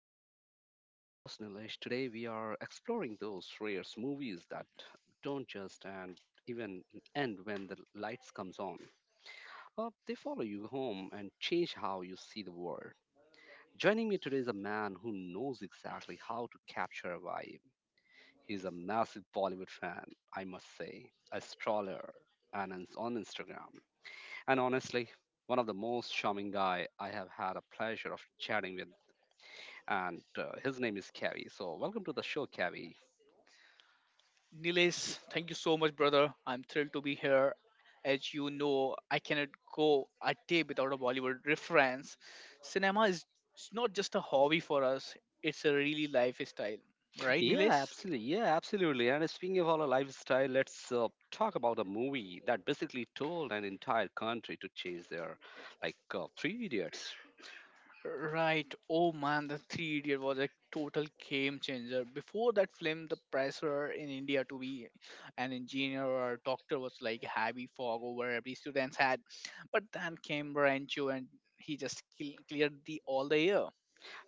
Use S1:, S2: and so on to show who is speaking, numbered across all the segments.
S1: Bollywood Night. I'm your host Nilesh. Today we are exploring those rare movies that don't just and even end when the lights comes on. They follow you home and change how you see the world. Joining me today is a man who knows exactly how to capture a vibe. He's a massive Bollywood fan, I must say, a stroller, and is on Instagram. And honestly, one of the most charming guy I have had a pleasure of chatting with and his name is Kavi. So, welcome to the show, Kavi.
S2: Nilesh, thank you so much, brother. I'm thrilled to be here. As you know, I cannot go a day without a Bollywood reference. Cinema is it's not just a hobby for us, it's a really lifestyle. Right,
S1: Yeah,
S2: Nilesh?
S1: absolutely. Yeah, absolutely. And speaking of our lifestyle, let's talk about a movie that basically told an entire country to change their, like, Three Idiots.
S2: Right. Oh man, the three idiot was a total game changer. Before that film, the pressure in India to be an engineer or a doctor was like a heavy fog over every student's head. But then came Rancho and he just cleared the all the year.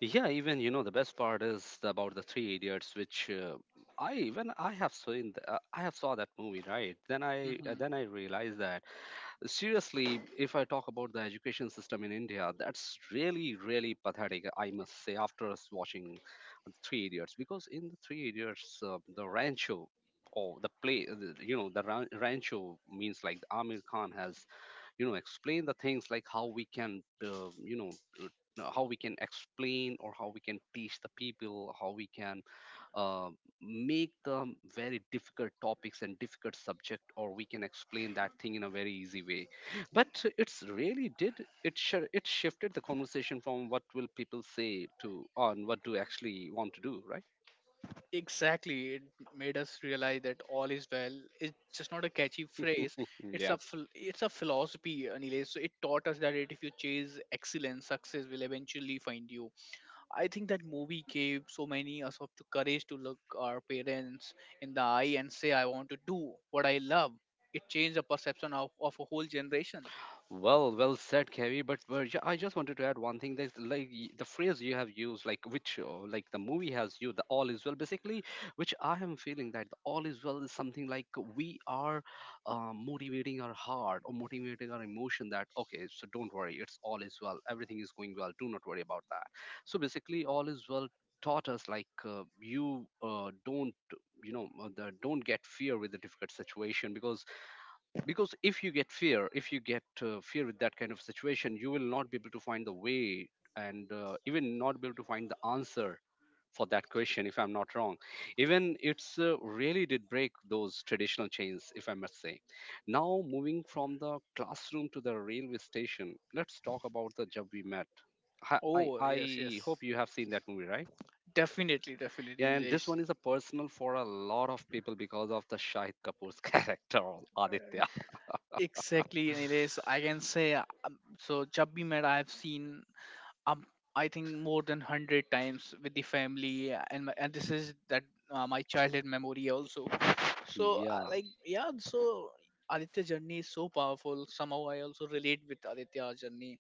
S1: Yeah, even you know the best part is about the Three Idiots, which I when I have seen, I have saw that movie, right? Then I uh,
S2: hmm
S1: then I realized that seriously if I talk about the education system in India, that's really pathetic, I must say, after us watching Three Idiots. Because in the Three Idiots, the Rancho or the you know, the Rancho, means like Amir Khan has, you know, explain the things like how we can, you know, uh, know, how we can explain or how we can teach the people, how we can uh, make the very difficult topics and difficult subject, or we can explain that thing in a very easy way. But it's really did, it shifted the conversation from what will people say to on what do actually want to do, right?
S2: Exactly. It made us realize that all is well. It's just not a catchy phrase. It's
S1: Yeah.
S2: a phil- it's a philosophy, Anilesh. So it taught us that if you chase excellence, success will eventually find you. I think that movie gave so many us of the courage to look our parents in the eye and say, "I want to do what I love." It changed the perception of a whole generation.
S1: Well, well said, Kevi. But, I just wanted to add one thing. That like the phrase you have used, like which, like the movie has you, the all is well. Basically, which I am feeling that the all is well is something like we are, motivating our heart or motivating our emotion, that okay, so don't worry, it's all is well, everything is going well, do not worry about that. So basically, all is well taught us like, you don't, you know, don't get fear with the difficult situation. Because if you get fear, if you get fear with that kind of situation, you will not be able to find the way, and even not be able to find the answer for that question, if I'm not wrong. Even it's really did break those traditional chains, if I must say. Now moving from the classroom to the railway station, let's talk about the job we Met. I, I
S2: Oh
S1: I
S2: yes,
S1: hope
S2: yes,
S1: you have seen that movie, right?
S2: definitely, definitely,
S1: Yeah, and this
S2: Nilesh.
S1: one is a personal for a lot of people because of the Shahid Kapoor's character, Aditya.
S2: Exactly, Nilesh. I can say so Jab Bhi Mera, I've seen um, I think more than 100 times with the family, and my, and this is that my childhood memory also. So uh,
S1: Yeah.
S2: like yeah, so Aditya journey is so powerful. Somehow I also relate with Aditya journey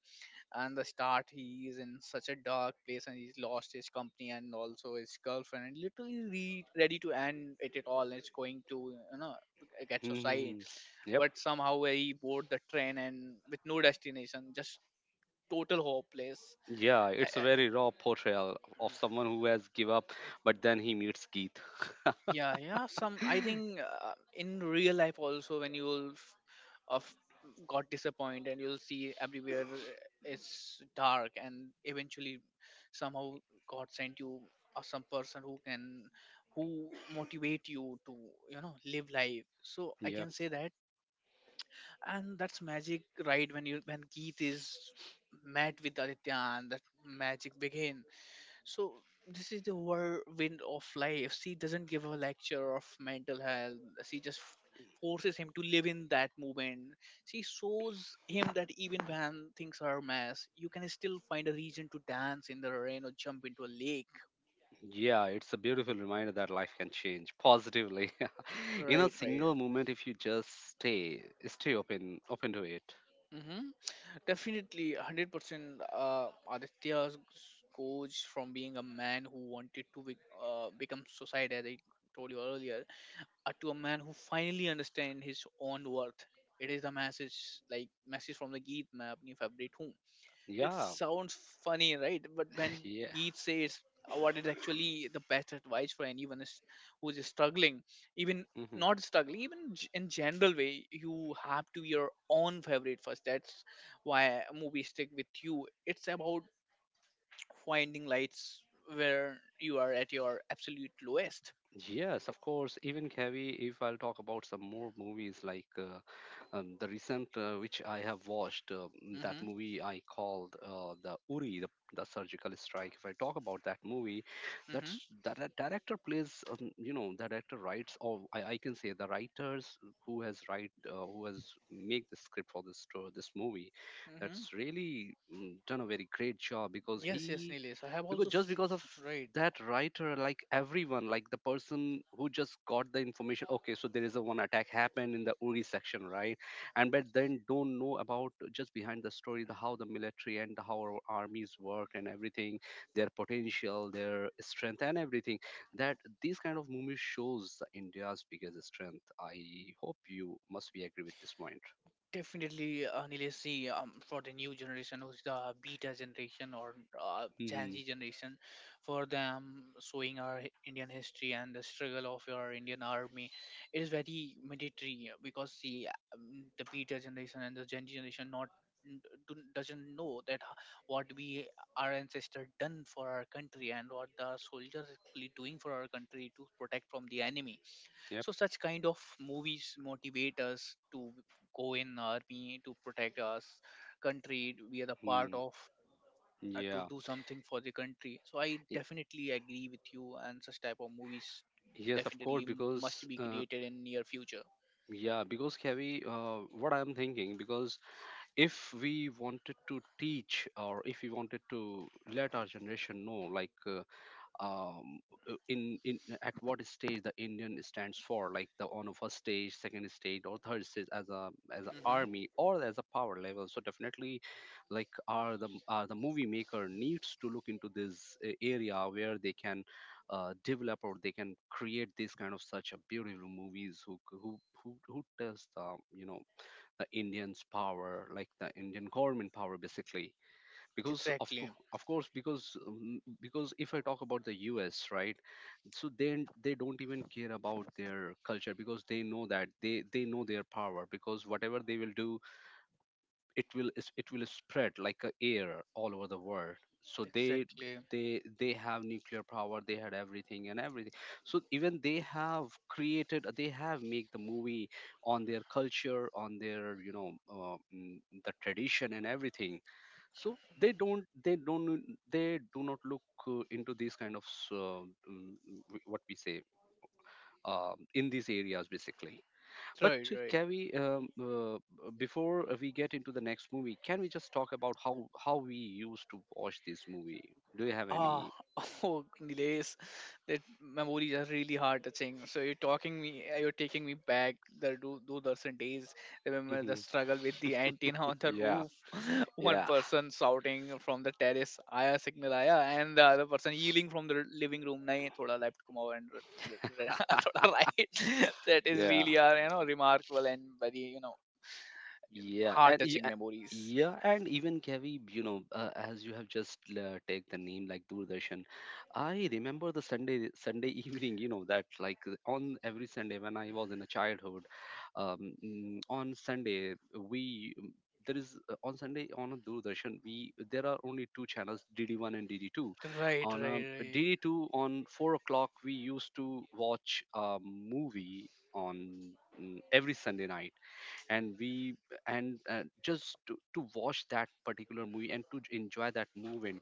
S2: and the start. He is in such a dark place and he's lost his company and also his girlfriend and literally ready to end it at all. It's going to get suicide,
S1: Mhm. Yep.
S2: but somehow he board the train and with no destination, just total hopeless.
S1: Yeah,
S2: Uh,
S1: it's a
S2: uh,
S1: very raw portrayal of someone who has give up, but then he meets Keith.
S2: yeah, yeah. Some I think in real life also when you'll f- of got disappointed, you'll see everywhere is dark and eventually somehow God sent you or some person who can who motivate you to live life. So I
S1: Yep.
S2: can say that, and that's magic, right? When you when Geet is met with Aditya, and that magic begins. So this is the whirlwind of life. She doesn't give a lecture of mental health. She just forces him to live in that moment. She shows him that even when things are a mess, you can still find a reason to dance in the rain or jump into a lake.
S1: Yeah, it's a beautiful reminder that life can change positively. In a
S2: Right, right.
S1: single moment, if you just stay open to it.
S2: Mm-hmm. Definitely, 100% Aditya's coach from being a man who wanted to be, become suicide, as I told you earlier, to a man who finally understands his own worth. It is a message like message from the Geet map new favorite home. It
S1: Yeah.
S2: sounds funny, right? But when
S1: Yeah.
S2: Geet says what is actually the best advice for anyone is who is struggling, even
S1: Mhm.
S2: not struggling, even in general way, you have to be your own favorite first. That's why movies stick with you. It's about finding lights where you are at your absolute lowest.
S1: Yes,
S2: Yes.
S1: of course. Even Kavi, if I'll talk about some more movies like the recent which I have watched, that
S2: Mm-hmm.
S1: movie I called, the Uri, the Surgical Strike. If I talk about that movie,
S2: Mm-hmm.
S1: that director plays, you know, the director writes, or I can say the writers who has write, who has make the script for this movie.
S2: Mm-hmm.
S1: That's really mm, done a very great job. Because
S2: Yes, yes,
S1: he,
S2: Nilesh. I have
S1: because
S2: also
S1: just
S2: seen,
S1: because of
S2: right,
S1: that writer, like everyone, like the person who just got the information, okay, so there is a one attack happened in the Uri section, right? And but then don't know about just behind the story, the how the military and how our armies work and everything, their potential, their strength and everything, that these kind of movies shows the India's biggest strength. I hope you must be agree with this point.
S2: definitely, Nilesh. See, for the new generation, who's the beta generation or Gen
S1: Hmm.
S2: Z generation, for them, showing our Indian history and the struggle of our Indian army, it is very mandatory because see, the beta generation and the Gen Z generation not n- do- doesn't know that what we our ancestor done for our country and what the soldiers actually doing for our country to protect from the enemy.
S1: Yep.
S2: So such kind of movies motivate us to go in army to protect us country. We are the part
S1: Hmm.
S2: of to
S1: Yeah.
S2: do something for the country. So I
S1: Y-
S2: definitely agree with you, and such type of movies
S1: yes, of course,
S2: definitely
S1: because
S2: must be created in near future.
S1: yeah, because Kavi, what I'm thinking, because if we wanted to teach or if we wanted to let our generation know, like um, in at what stage the Indian stands for, like the on a first stage, second stage, or third stage as a as an
S2: hmm
S1: army or as a power level. So definitely, like, are the movie maker needs to look into this area where they can develop or they can create this kind of such a beautiful movies, who tells the, you know, the Indians power, like the Indian government power, basically. Because of
S2: Exactly,
S1: course, of course, because if I talk about the US, right? So then they don't even care about their culture because they know that they know their power, because whatever they will do, it will spread like a air all over the world. So they,
S2: exactly.
S1: they have nuclear power, they had everything and everything. So even they have created, they have made the movie on their culture, on their, you know, the tradition and everything. So they don't, they don't they do not look into these kind of what we say, in these areas basically. But
S2: Right, right.
S1: can we before we get into the next movie, can we just talk about how we used to watch this movie? Do you have
S2: Ah,
S1: any?
S2: oh, Nilesh, that memories are really heart touching. So you're taking me back the do do dozen days. Remember the
S1: Mhm.
S2: struggle with the antenna on the
S1: Yeah.
S2: roof. One
S1: Yeah.
S2: person shouting from the terrace, "Aya signal aya," and the other person yelling from the living room, "Nahi, thoda left kumao and thoda right." That is
S1: Yeah.
S2: really are remarkable and very
S1: Yeah,
S2: heart
S1: and e-
S2: touching
S1: a-
S2: memories.
S1: yeah, and even Kavib, you know, as you have just take the name like Doordarshan, I remember the Sunday Sunday evening, you know, that like on every Sunday when I was in a childhood, on Sunday there is on Sunday on a Doordarshan, we there are only two channels, DD1 and DD2.
S2: Right, right,
S1: On
S2: right.
S1: DD2 on 4 o'clock we used to watch a movie on mm, every Sunday night, and we, and just to watch that particular movie and to enjoy that movement,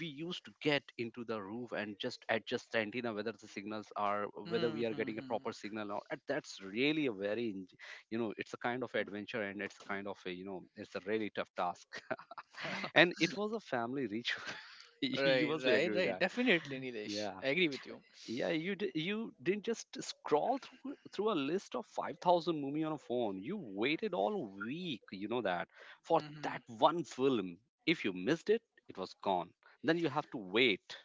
S1: we used to get into the roof and just adjust the antenna whether the signals are, whether
S2: Hmm,
S1: we are
S2: hmm,
S1: getting a
S2: hmm.
S1: proper signal or, and that's really a very you know, it's a kind of adventure, and it's a kind of a, you know, it's a really tough task and it was a family ritual. You
S2: Right,
S1: must be
S2: right,
S1: agree with
S2: right.
S1: that.
S2: Definitely, Nilesh.
S1: Yeah.
S2: I agree with you.
S1: Yeah, you didn't just scroll through a list of 5,000 movie on a phone. You waited all week, you know that, for
S2: hmm
S1: that one film. If you missed it, it was gone, then you have to wait.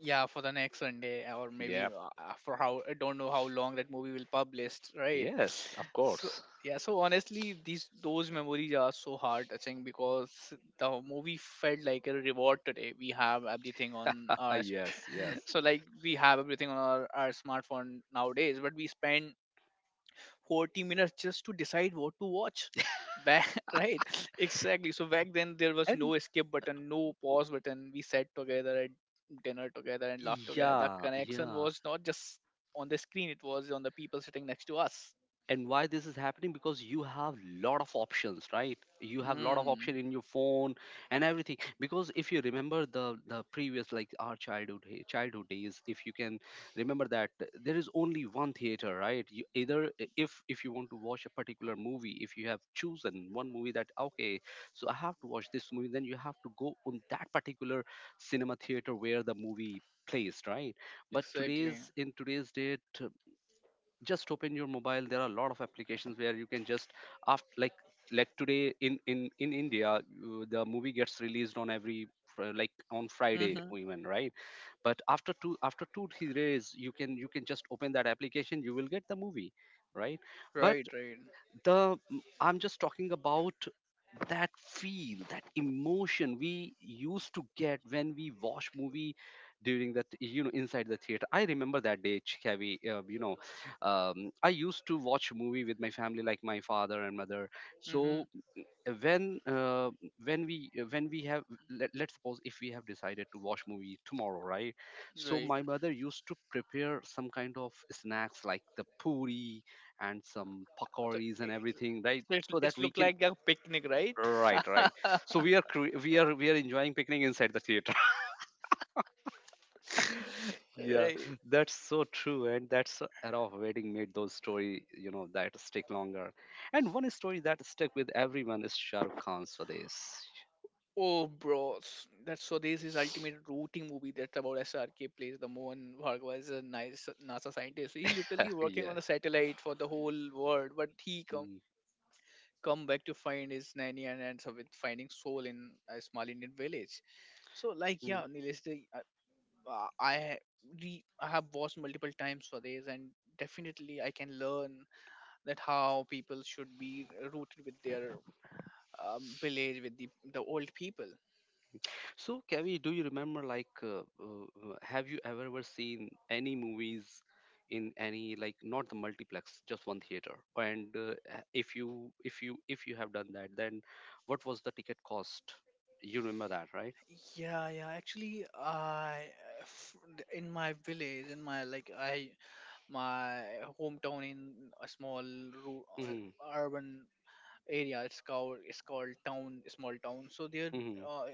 S2: Yeah, for the next Sunday, or
S1: Yeah.
S2: maybe for how I don't know how long that movie will published. Right.
S1: Yes, of
S2: So
S1: course.
S2: yeah, so honestly, these those memories are so hard touching because the movie felt like a reward today. We have everything on our
S1: Yes, yes.
S2: so like we have everything on our smartphone nowadays, but we spend 40 minutes just to decide what to watch back. Right. Exactly. So back then there was no
S1: And
S2: escape button, no pause button. We sat together at dinner together and laughed together. The
S1: yeah,
S2: connection
S1: yeah,
S2: was not just on the screen, it was on the people sitting next to us.
S1: and why this is happening? Because you have lot of options, right? You have lot of
S2: mm,
S1: option in your phone and everything. Because if you remember the previous like our childhood, childhood days, if you can remember that, there is only one theater, right? You either, if you want to watch a particular movie, if you have chosen one movie that okay, so I have to watch this movie, then you have to go on that particular cinema theater where the movie placed, right? But
S2: exactly.
S1: today's, in today's date, just open your mobile, there are a lot of applications where you can just after like today in in India, the movie gets released on every like on Friday
S2: Mm-hmm.
S1: even, right? But after two, after 2 3 days, you can, you can just open that application, you will get the movie, right? But
S2: Right, right.
S1: the, I'm just talking about that feel, that emotion we used to get when we watch movie during that, you know, inside the theater. I remember that day, Chikavi, you know, I used to watch a movie with my family, like my father and mother.
S2: Mm-hmm.
S1: So when uh, when we, when we have, let's suppose if we have decided to watch movie tomorrow, right? So
S2: Right.
S1: my mother used to prepare some kind of snacks like the puri and some
S2: So
S1: pakoris and everything, right? So that
S2: it
S1: we
S2: looked
S1: can,
S2: like a picnic, right?
S1: right, right. So we are we are, we are enjoying picnic inside the theater. Yeah,
S2: Right.
S1: that's so true, and that's the era of wedding made those story, you know, that stick longer. And one story that stuck with everyone is Shahrukh Khan's Swades.
S2: Oh, bro, that's so. This is ultimate routing movie. That's about SRK plays the Mohan Bhargava is a nice NASA scientist. He literally working
S1: Yes.
S2: on a satellite for the whole world, but he
S1: Mm.
S2: come back to find his nanny and ends up with finding soul in a small Indian village. So, like, yeah, Nilesh, uh, I ha- I have watched multiple times for this, and definitely I can learn that how people should be rooted with their village with the old people.
S1: So, Kavi, do you remember, like, have you ever ever seen any movies in any, like, not the multiplex, just one theater? And if you, if you have done that, then what was the ticket cost? You remember that, right?
S2: Yeah, yeah. Actually, f- in my village, in my like I my hometown in a small
S1: Hmm.
S2: urban area. It's called town, small town. So there,
S1: Hmm.
S2: uh,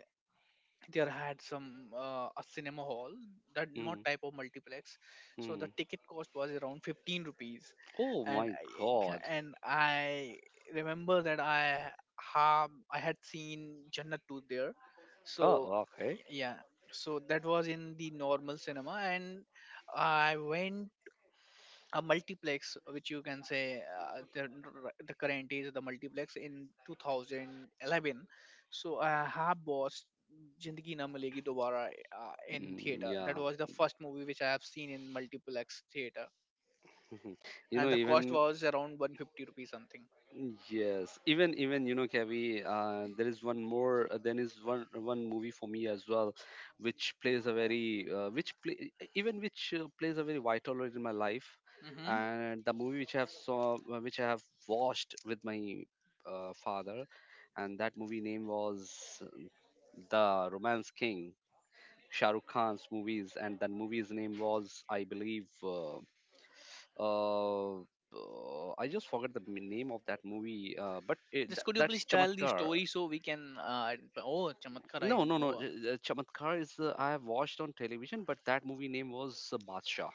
S2: there had some a cinema hall that not
S1: Hmm.
S2: type of multiplex, so
S1: Hmm.
S2: the ticket cost was around 15 rupees.
S1: Oh
S2: and
S1: my
S2: I,
S1: God.
S2: and i remember that i had seen Jannat 2 there. So
S1: Oh, okay.
S2: I- yeah, so that was in the normal cinema, and I went a multiplex which you can say the current is the multiplex in 2011. So I have watched Jindagi Na Milegi Dobara in
S1: Mm,
S2: theater. That
S1: yeah.
S2: was the first movie which I have seen in multiplex theater,
S1: You know,
S2: and the cost
S1: even
S2: was around 150 rupees something.
S1: Yes, even Kavi, there is one more. There is one movie for me as well, which plays a very which play, e, even which plays a very vital role in my life,
S2: Mm-hmm.
S1: and the movie which I have saw which I have watched with my father, and that movie name was The Romance King, Shah Rukh Khan's movies, and that movie's name was I believe. I just forgot the name of that movie, but
S2: Just could you
S1: that's
S2: please tell the
S1: Chamatkar.
S2: story so we can uh, oh Chamatkar, I
S1: No, no,
S2: know.
S1: no. j- j- Chamatkar is I have watched on television, but that movie name was Badshah.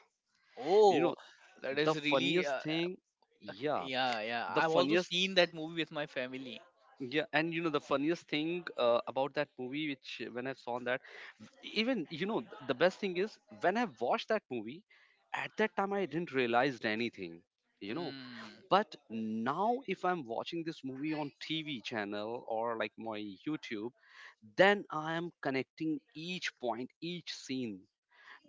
S1: You
S2: Oh,
S1: know,
S2: that
S1: the
S2: is really
S1: funniest thing, yeah,
S2: yeah, yeah,
S1: the
S2: I've also
S1: funniest,
S2: seen that movie with my family.
S1: yeah, and you know the funniest thing about that movie, which when I saw that, even you know the best thing is when I watched that movie, at that time I didn't realize anything. You know,
S2: Mm.
S1: but now if I'm watching this movie on TV channel or like my YouTube, then I am connecting each point, each scene,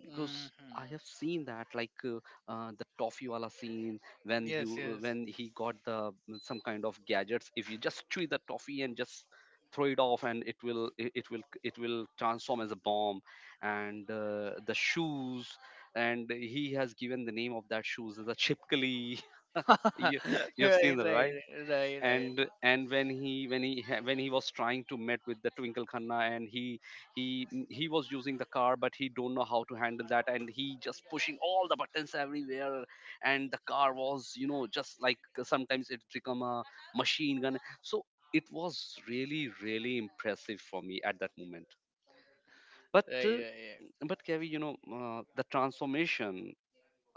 S1: because
S2: Hmm.
S1: I have seen that. Like the toffee wala scene when you
S2: Yes, yes.
S1: when he got the some kind of gadgets, if you just chew the toffee and just throw it off, and it will transform as a bomb. And the shoes, and he has given the name of that shoes as a chipkali.
S2: Right,
S1: you you have seen
S2: right,
S1: that, right?
S2: right, right, right,
S1: And when when he was trying to met with the Twinkle Khanna, and he was using the car, but he don't know how to handle that, and he just pushing all the buttons everywhere, and the car was, you know, just like sometimes it become a machine gun. So it was really really impressive for me at that moment. but uh,
S2: right.
S1: but Kevi, you know, the transformation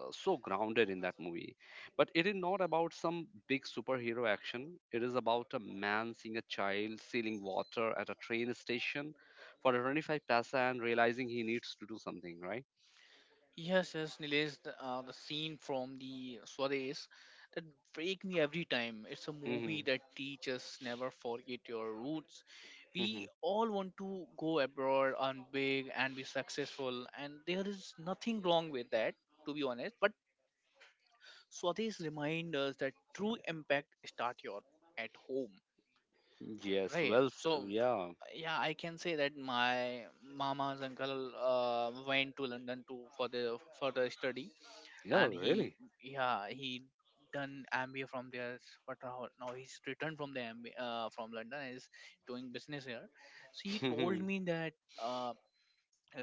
S1: so grounded in that movie. But it is not about some big superhero action. It is about a man seeing a child stealing water at a train station for a 25 paisa and realizing he needs to do something, right?
S2: Yes, yes, Nilesh, the scene from the Swades that break me every time. It's a movie
S1: hmm
S2: that teaches never forget your roots.
S1: hmm
S2: We all want to go abroad and big and be successful, and there is nothing wrong with that, to be honest. But Swades remind us that true impact start your at home.
S1: Yes,
S2: Right.
S1: well,
S2: So,
S1: yeah,
S2: yeah, I can say that my mama's uncle went to London to for the study,
S1: yeah,
S2: and he
S1: really.
S2: yeah he done MBA from there. But now he's returned from the MBA from London and is doing business here. So he told me that uh, a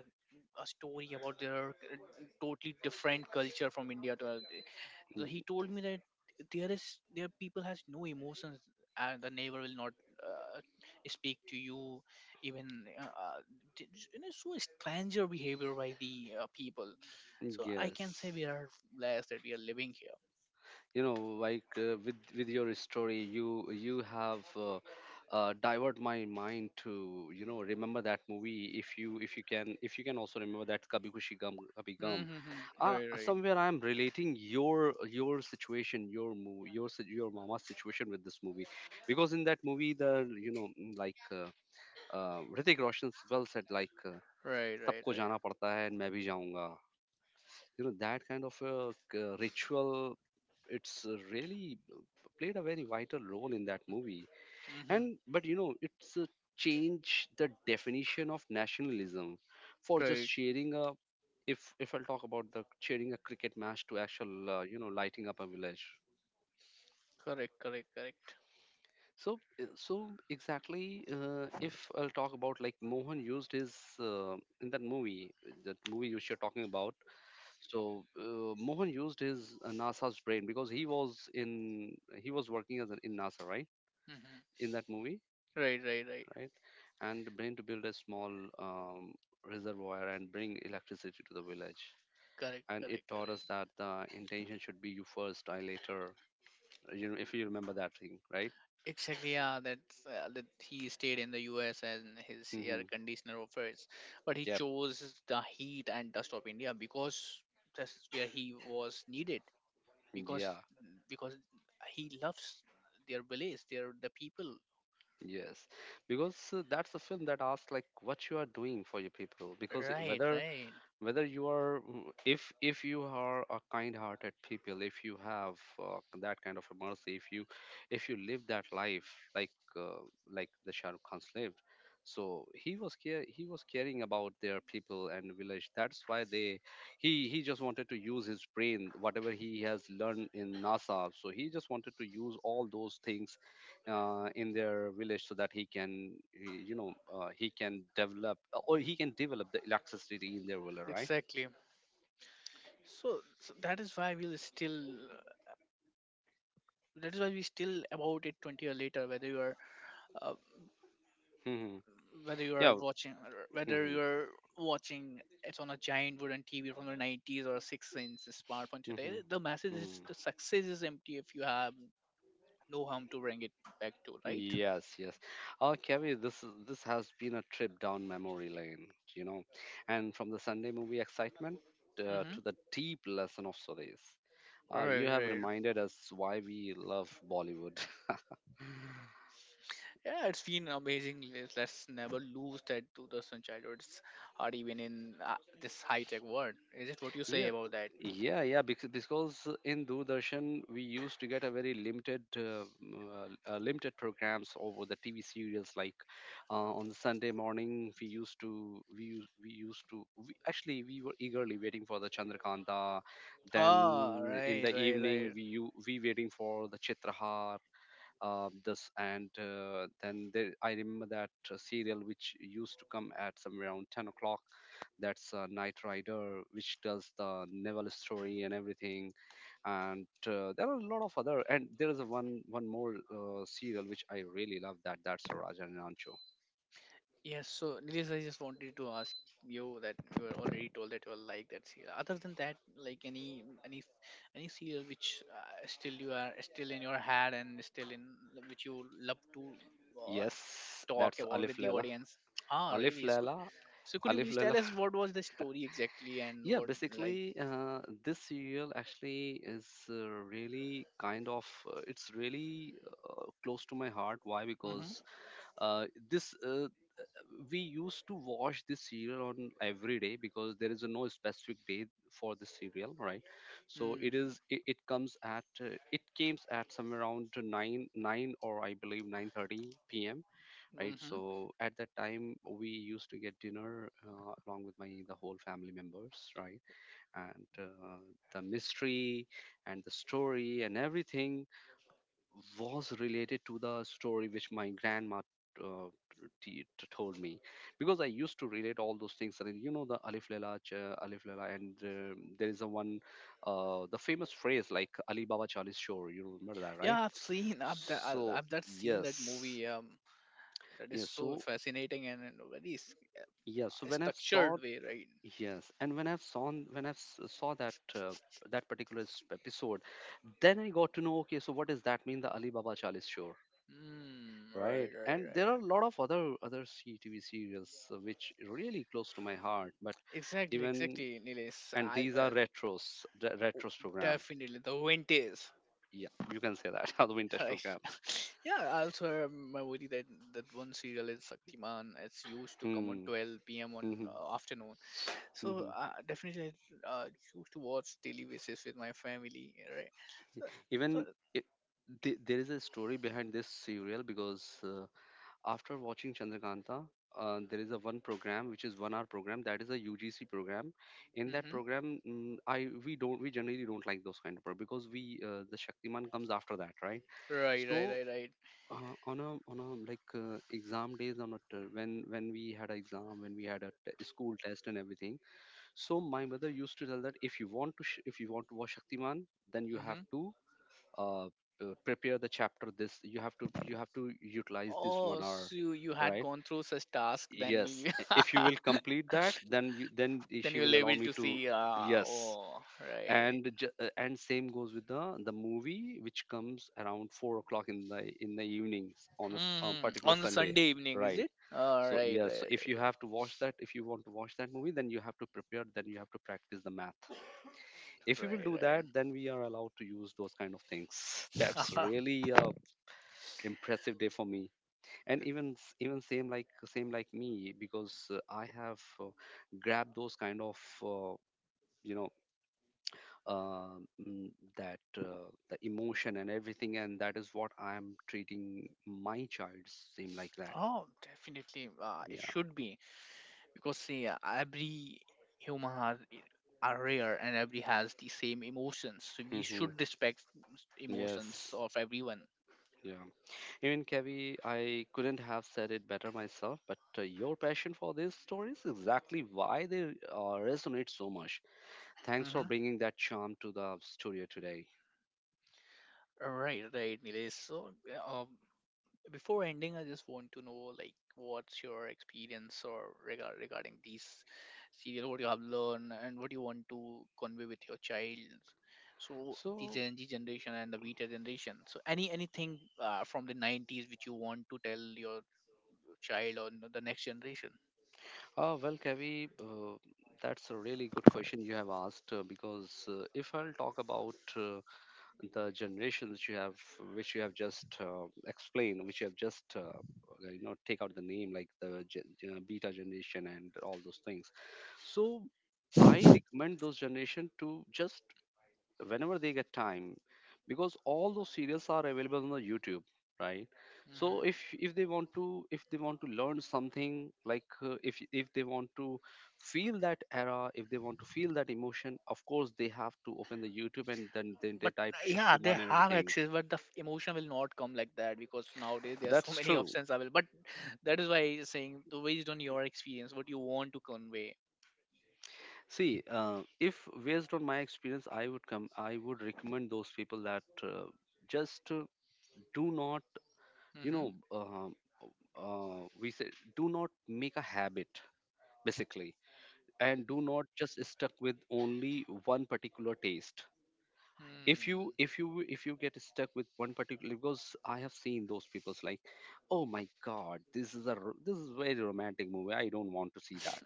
S2: a story about their totally different culture from India to. So he
S1: Mhm.
S2: told me that there is there people has no emotions and the neighbor will not uh, speak to you, even uh, uh, you know, so stranger behavior by the people. So I can say
S1: Yes.
S2: we are blessed that we are living here.
S1: You know, like with your story you you have divert my mind to, you know, remember that movie. If you if you can, if you can also remember that Kabhi Khushi Gum Kabhi Gum.
S2: Mm-hmm.
S1: uh,
S2: Right, right,
S1: Somewhere I am relating your situation, your movie, your your mama's situation with this movie, because in that movie the, you know, Hrithik Roshan well said
S2: right, right,
S1: सबको
S2: right.
S1: जाना पड़ता है and मैं भी जाऊंगा. You know, that kind of a ritual, it's really played a very vital role in that movie.
S2: Mm-hmm.
S1: And but you know, it's changed the definition of nationalism for just
S2: Right,
S1: sharing a. If I'll talk about the sharing a cricket match to actual, you know, lighting up a village.
S2: Correct, correct, correct.
S1: So exactly, if I'll talk about, like, Mohan used his uh, in that movie which you're talking about. So Mohan used his NASA's brain, because he was working as an, in NASA, right?
S2: Mm-hmm.
S1: In that movie,
S2: Right, right, right.
S1: right? And the brain to build a small um, reservoir and bring electricity to the village.
S2: Correct,
S1: And it
S2: correct,
S1: taught us
S2: correct.
S1: that the intention should be you first, I later. You know, if you remember that thing, right?
S2: Exactly, yeah. That's that he stayed in the U.S. and his air
S1: Mm-hmm.
S2: conditioner offers, but he
S1: Yep.
S2: chose the heat and dust of India because that's where he was needed. Because
S1: Yeah.
S2: because he loves their village, their the people.
S1: Yes. Because that's a film that asks like what you are doing for your people. Because
S2: Right, right.
S1: whether you are, if you are a kind hearted people, if you have that kind of a mercy, if you live that life uh, like the Shah Rukh Khan's lived, so he was caring about their people and village, that's why they, he just wanted to use his brain whatever he has learned in NASA, so he just wanted to use all those things in their village, so that he can, you know, he can develop or he can develop the electricity in their village, right.
S2: Exactly. So, so that is why we'll still. That is why we still about it 20 year later. Uh,
S1: Mm-hmm.
S2: whether you are
S1: Yeah.
S2: watching whether
S1: Mm-hmm.
S2: you're watching it on a giant wooden TV from the 90s or a six-inch smartphone today,
S1: Mm-hmm.
S2: the message is
S1: Mm.
S2: the success is empty if you have no harm to bring it back to, right?
S1: Yes, yes. Oh, Kerry, this has been a trip down memory lane, you know, and from the Sunday movie excitement
S2: Mm-hmm.
S1: to the deep lesson of stories.
S2: Right,
S1: You have
S2: right.
S1: reminded us why we love Bollywood.
S2: Yeah, it's been amazing. Let's never lose that to the sunshine. It's hard even in this high-tech world. Is it what you say
S1: Yeah,
S2: about that?
S1: yeah, yeah. Because in Doordarshan we used to get a very limited, limited programs over the TV serials. Like on Sunday morning, we used to we used to we, actually we were eagerly waiting for the Chandrakanta.
S2: Ah,
S1: Then in
S2: right,
S1: the
S2: right,
S1: evening,
S2: right.
S1: we waiting for the Chitrahar, this, and then there, I remember that serial which used to come at somewhere around 10 o'clock, that's Night Rider, which tells the naval story and everything. And there are a lot of other, and there is a one one more serial which I really love, that that's Raja Rancho.
S2: Yes, so Nilesh, I just wanted to ask you that you were already told that you are like that serial. Other than that, like any serial which still you are still in your head and still in which you love to uh,
S1: Yes,
S2: talk
S1: that's
S2: about
S1: Alif
S2: with the
S1: Lela.
S2: audience. Ah,
S1: Alif
S2: really?
S1: Lela.
S2: So could you
S1: Alif
S2: please tell
S1: Lela.
S2: us what was the story exactly and
S1: Yeah,
S2: what like?
S1: basically this serial actually is really kind of it's really close to my heart. Why?
S2: Mm-hmm.
S1: Because uh, this we used to watch this serial on every day, because there is a no specific day for this serial, right? So it comes at somewhere around to nine or I believe 9:30 p.m. Right.
S2: Mm-hmm.
S1: So at that time we used to get dinner along with my the whole family members, right? And the mystery and the story and everything was related to the story which my grandma uh, told me, because I used to relate all those things. And you know the Alif Lela, Alif Lela, and there is a one, the famous phrase like Ali Baba Chalis Shore. You remember that, right?
S2: Yeah, I've seen
S1: So
S2: I've that seen that
S1: yes,
S2: movie. That is
S1: yeah.
S2: so
S1: So
S2: fascinating and, in a very
S1: yeah. So when I've saw
S2: structured way, right?
S1: yes, and when I've saw, saw that. That particular episode, then I got to know. Okay, so what does that mean? The Ali Baba Chalis Shore. Right,
S2: Right, right,
S1: and
S2: right,
S1: there
S2: yeah.
S1: are a lot of other CTV serials which really close to my heart, but
S2: Exactly,
S1: even,
S2: exactly, Nilesh.
S1: and these are retros,
S2: O-
S1: retros program.
S2: Definitely the wind is
S1: Yeah, you can say that. The vintage
S2: right.
S1: program.
S2: Yeah, I also have my worry that that one serial is Shaktiman. It's used to come on
S1: Hmm.
S2: 12 p.m.
S1: Hmm,
S2: on
S1: hmm.
S2: afternoon. So,
S1: Hmm.
S2: definitely, I used to watch daily basis with my family. Right. So,
S1: Even
S2: so
S1: it, there is a story behind this serial, because after watching Chandrakanta, there is a one program which is 1 hour program, that is a UGC program. In that
S2: hmm
S1: program, I we don't, we generally don't like those kind of programs, because we, the Shaktiman comes after that, right?
S2: right, right,
S1: So
S2: right, right.
S1: on a like exam days, when we had an exam, when we had a school test and everything. So my mother used to tell that if you want to if you want to watch Shaktiman, then you have
S2: Hmm.
S1: to prepare the chapter. This you have to, you have to utilize this
S2: Oh,
S1: 1 hour,
S2: so you had
S1: right?
S2: gone through such task then
S1: Yes,
S2: you
S1: if you will complete that, then you,
S2: then
S1: she will
S2: you'll
S1: allow
S2: able
S1: me
S2: to
S1: to.
S2: see.
S1: Yes.
S2: Oh, right.
S1: And same goes with the movie which comes around 4 o'clock in the evenings on a on
S2: Hmm.
S1: particular
S2: On the
S1: Sunday,
S2: Sunday evening, is
S1: right.
S2: it?
S1: So
S2: Right,
S1: yes, so
S2: right,
S1: if you have to watch that, if you want to watch that movie, then you have to prepare, then you have to practice the math. If we will
S2: right,
S1: do that,
S2: right.
S1: then we are allowed to use those kind of things. That's
S2: Right.
S1: really a impressive day for me. And even, even same like me, because I have grabbed those kind of uh, you know uh, mm, that the emotion and everything, and that is what I am treating my child same like that.
S2: Oh, definitely. It
S1: Yeah.
S2: should be because, see, every human has are rare and every has the same emotions. So we
S1: hmm
S2: should respect emotions
S1: yes.
S2: of everyone.
S1: Yeah. Even Kevi, I couldn't have said it better myself, but your passion for these stories is exactly why they resonate so much. Thanks for
S2: Mm-hmm.
S1: bringing that charm to the studio today.
S2: Right, right, Nilesh. So, uh, before ending, I just want to know, like, what's your experience or regarding these serial, what you have learned and what you want to convey with your child. So the
S1: So,
S2: Gen Z generation and the Beta generation. So anything from the 90s which you want to tell your child or the next generation?
S1: Well, Kavi, that's a really good question you have asked, because if I'll talk about the generations you have, which you have just explained, which you have just you know, take out the name like the beta generation and all those things. So I recommend those generation to just whenever they get time because all those serials are available on the YouTube, right? So
S2: Hmm.
S1: if they want to, if they want to learn something like, if they want to feel that era, if they want to feel that emotion, of course they have to open the YouTube and then they
S2: But
S1: type
S2: yeah, they
S1: Shaktiman and
S2: have
S1: everything.
S2: access, but the emotion will not come like that because nowadays there are so
S1: That's
S2: many
S1: true.
S2: options available. But that is why I'm saying, so based on your experience, what you want to convey.
S1: See, if based on my experience I would recommend those people that, just, do not, you know uh, we say, do not make a habit basically, and do not just stuck with only one particular taste. if you
S2: Hmm.
S1: if you if you get stuck with one particular, because I have seen those people's like, oh my God, this is very romantic movie, I don't want to see that,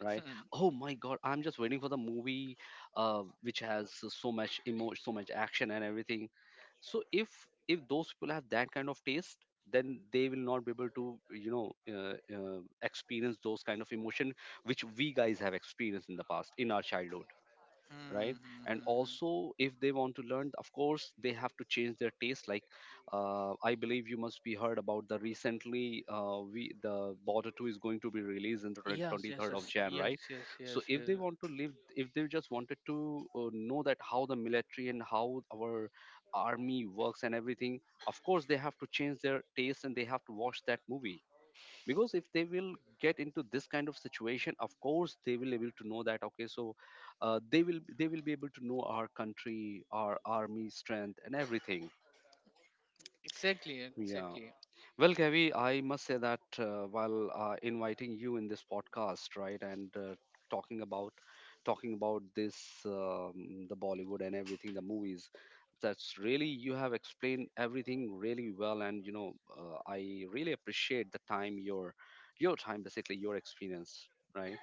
S1: right?
S2: Hmm.
S1: Oh my God, I'm just waiting for the movie, which has so much action and everything. So if those people have that kind of taste, then they will not be able to experience those kind of emotion which we guys have experienced in the past in our childhood,
S2: Hmm.
S1: right?
S2: Hmm,
S1: And
S2: hmm, hmm.
S1: also if they want to learn, of course they have to change their taste. Like, I believe you must be heard about the recently, we, the Border 2 is going to be released in the
S2: Yes, yes,
S1: 23rd of
S2: yes,
S1: Jan,
S2: yes,
S1: right?
S2: yes,
S1: So
S2: yes,
S1: if
S2: yes.
S1: they want to live, if they just wanted to know that how the military and how our army works and everything, of course they have to change their taste and they have to watch that movie. Because if they will get into this kind of situation, of course they will able to know that, okay, so they will, they will be able to know our country, our army strength and everything.
S2: Exactly,
S1: Yeah.
S2: exactly.
S1: Well, Gavi, I must say that, while inviting you in this podcast, right, and talking about talking about this, the Bollywood and everything, the movies, that's really, you have explained everything really well, and you know, I really appreciate the time your time, basically your experience, right?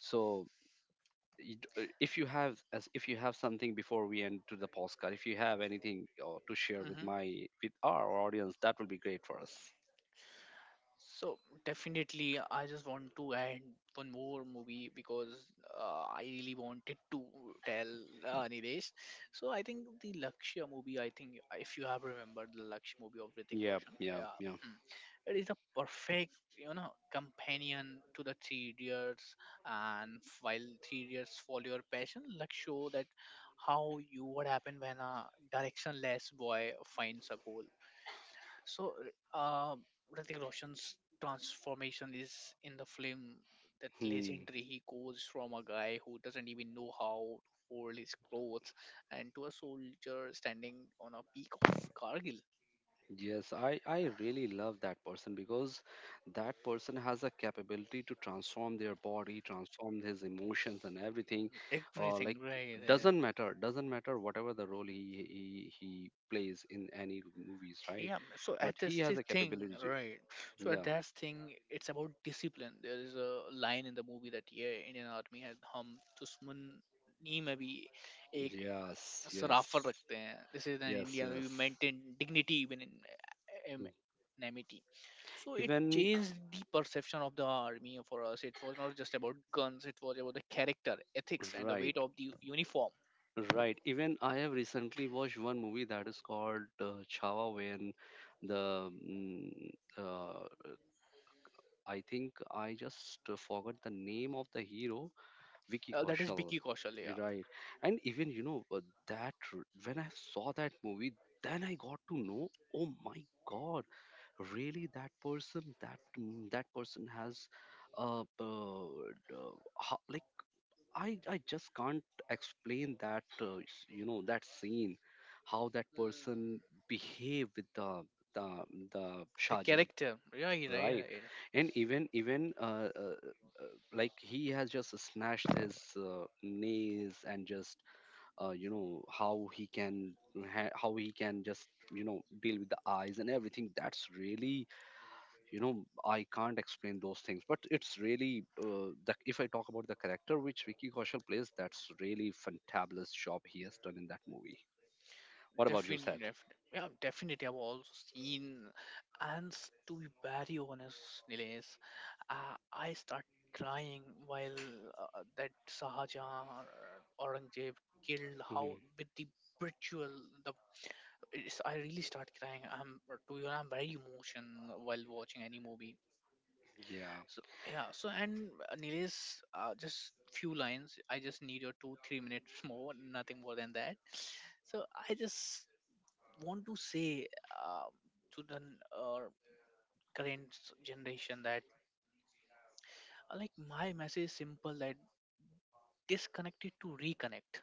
S1: So, if you have, as if you have something before we end to the podcast, if you have anything to share with my,
S2: Mm-hmm.
S1: with our audience, that will be great for us.
S2: So definitely, I just want to add one more movie because I really wanted to tell, Nilesh. So I think the Lakshya movie. I think if you have remembered the Lakshya movie of Hrithik
S1: Yeah,
S2: Roshan,
S1: yeah,
S2: yeah,
S1: yeah.
S2: hmm, it is a perfect, you know, companion to the Three Idiots. And while Three Idiots follow your passion, Lakshya show that how you what happen when a directionless boy finds a goal. So, uh, Hrithik Roshan's transformation is in the film that
S1: Hmm.
S2: legendary. He goes from a guy who doesn't even know how to fold his clothes and to a soldier standing on a peak of Kargil.
S1: Yes, I really love that person because that person has a capability to transform their body, transform his emotions and everything. Like,
S2: Everything right there.
S1: doesn't matter whatever the role he plays in any movies, right?
S2: Yeah, so
S1: But
S2: at this
S1: he has a
S2: thing,
S1: capability to.
S2: right? So at
S1: Yeah.
S2: that thing, it's about discipline. There is a line in the movie that, yeah, Indian Army had hum dusman nahi mein bhi ek
S1: Yes. Yes.
S2: सराफत रखते हैं this is an
S1: Yes.
S2: indian,
S1: Yes.
S2: we maintain dignity even in am- so it
S1: Even
S2: changed the perception of the army for us. It was not just about guns, it was about the character, ethics, and the
S1: right.
S2: weight of the uniform.
S1: Right. Even I have recently watched one movie that is called, Chhaava, when the uh, I think I just forgot the name of the hero, Vicky
S2: That is
S1: Kaushal.
S2: Vicky Kaushal, yeah,
S1: Right. And even, you know, when I saw that movie, then I got to know. Oh my God! Really, that person, that person has, uh, uh, like, I just can't explain that, you know, that scene, how that person behave with the the
S2: the
S1: Shaji,
S2: character, right, right,
S1: right?
S2: right.
S1: And even like, he has just snatched his nails and just, you know, how he can how he can just, you know, deal with the eyes and everything. That's really, you know, I can't explain those things, but it's really, if I talk about the character which Vicky Kaushal plays, that's really fantabulous job he has done in that movie. What about you said.
S2: Definitely, yeah, definitely. I've also seen, and to be very honest, Nilesh, I start crying while that Sahajan or Aurangzeb killed how
S1: Hmm.
S2: with the ritual. The It's, I really start crying. I'm, to be honest, I'm very emotional while watching any movie.
S1: Yeah.
S2: So yeah, so and Nilesh, just few lines. I just need your 2 3 minutes more, nothing more than that. So I just want to say, um, to the current generation that, like, my message is simple, that disconnect it to reconnect.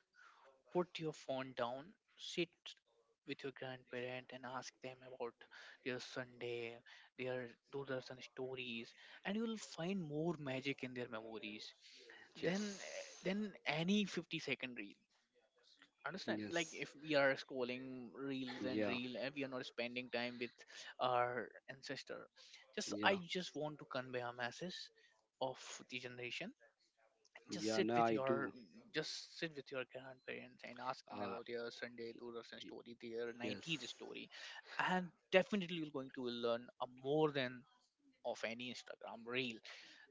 S2: Put your phone down, sit with your grandparent and ask them about their Sunday, their Doordarshan stories, and you will find more magic in their memories than
S1: Yes.
S2: any 50-second reel. Understand? Like,
S1: Yes.
S2: if we are scrolling reels and
S1: Yeah.
S2: reel and we are not spending time with our ancestor, just I
S1: Yeah.
S2: just want to convey a message of the generation. Just
S1: Yeah,
S2: sit
S1: no,
S2: with
S1: I do.
S2: your, just sit with your grandparents and ask them
S1: uh,
S2: about your Sunday Doordarshan
S1: y-
S2: story, their 90s
S1: yes.
S2: story, and definitely you're going to learn a more than of any Instagram reel.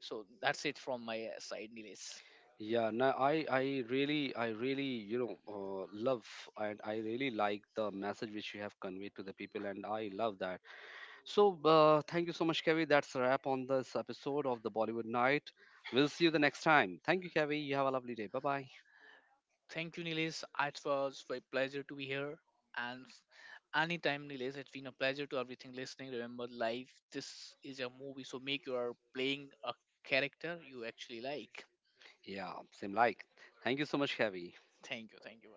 S2: So that's it from my side, Nilesh.
S1: Yeah, no, I really, I really, you know, love, and I really like the message which you have conveyed to the people, and I love that. So, thank you so much, Kavi. That's a wrap on this episode of the Bollywood Night. We'll see you the next time. Thank you, Kavi. You have a lovely day. Bye bye.
S2: Thank you, Nilesh. It was my pleasure to be here. And anytime, Nilesh, it's been a pleasure to everything listening. Remember, life this is a movie, so make your playing a character you actually like.
S1: Yeah, same like. Thank you so much, Kavi.
S2: Thank you, thank you.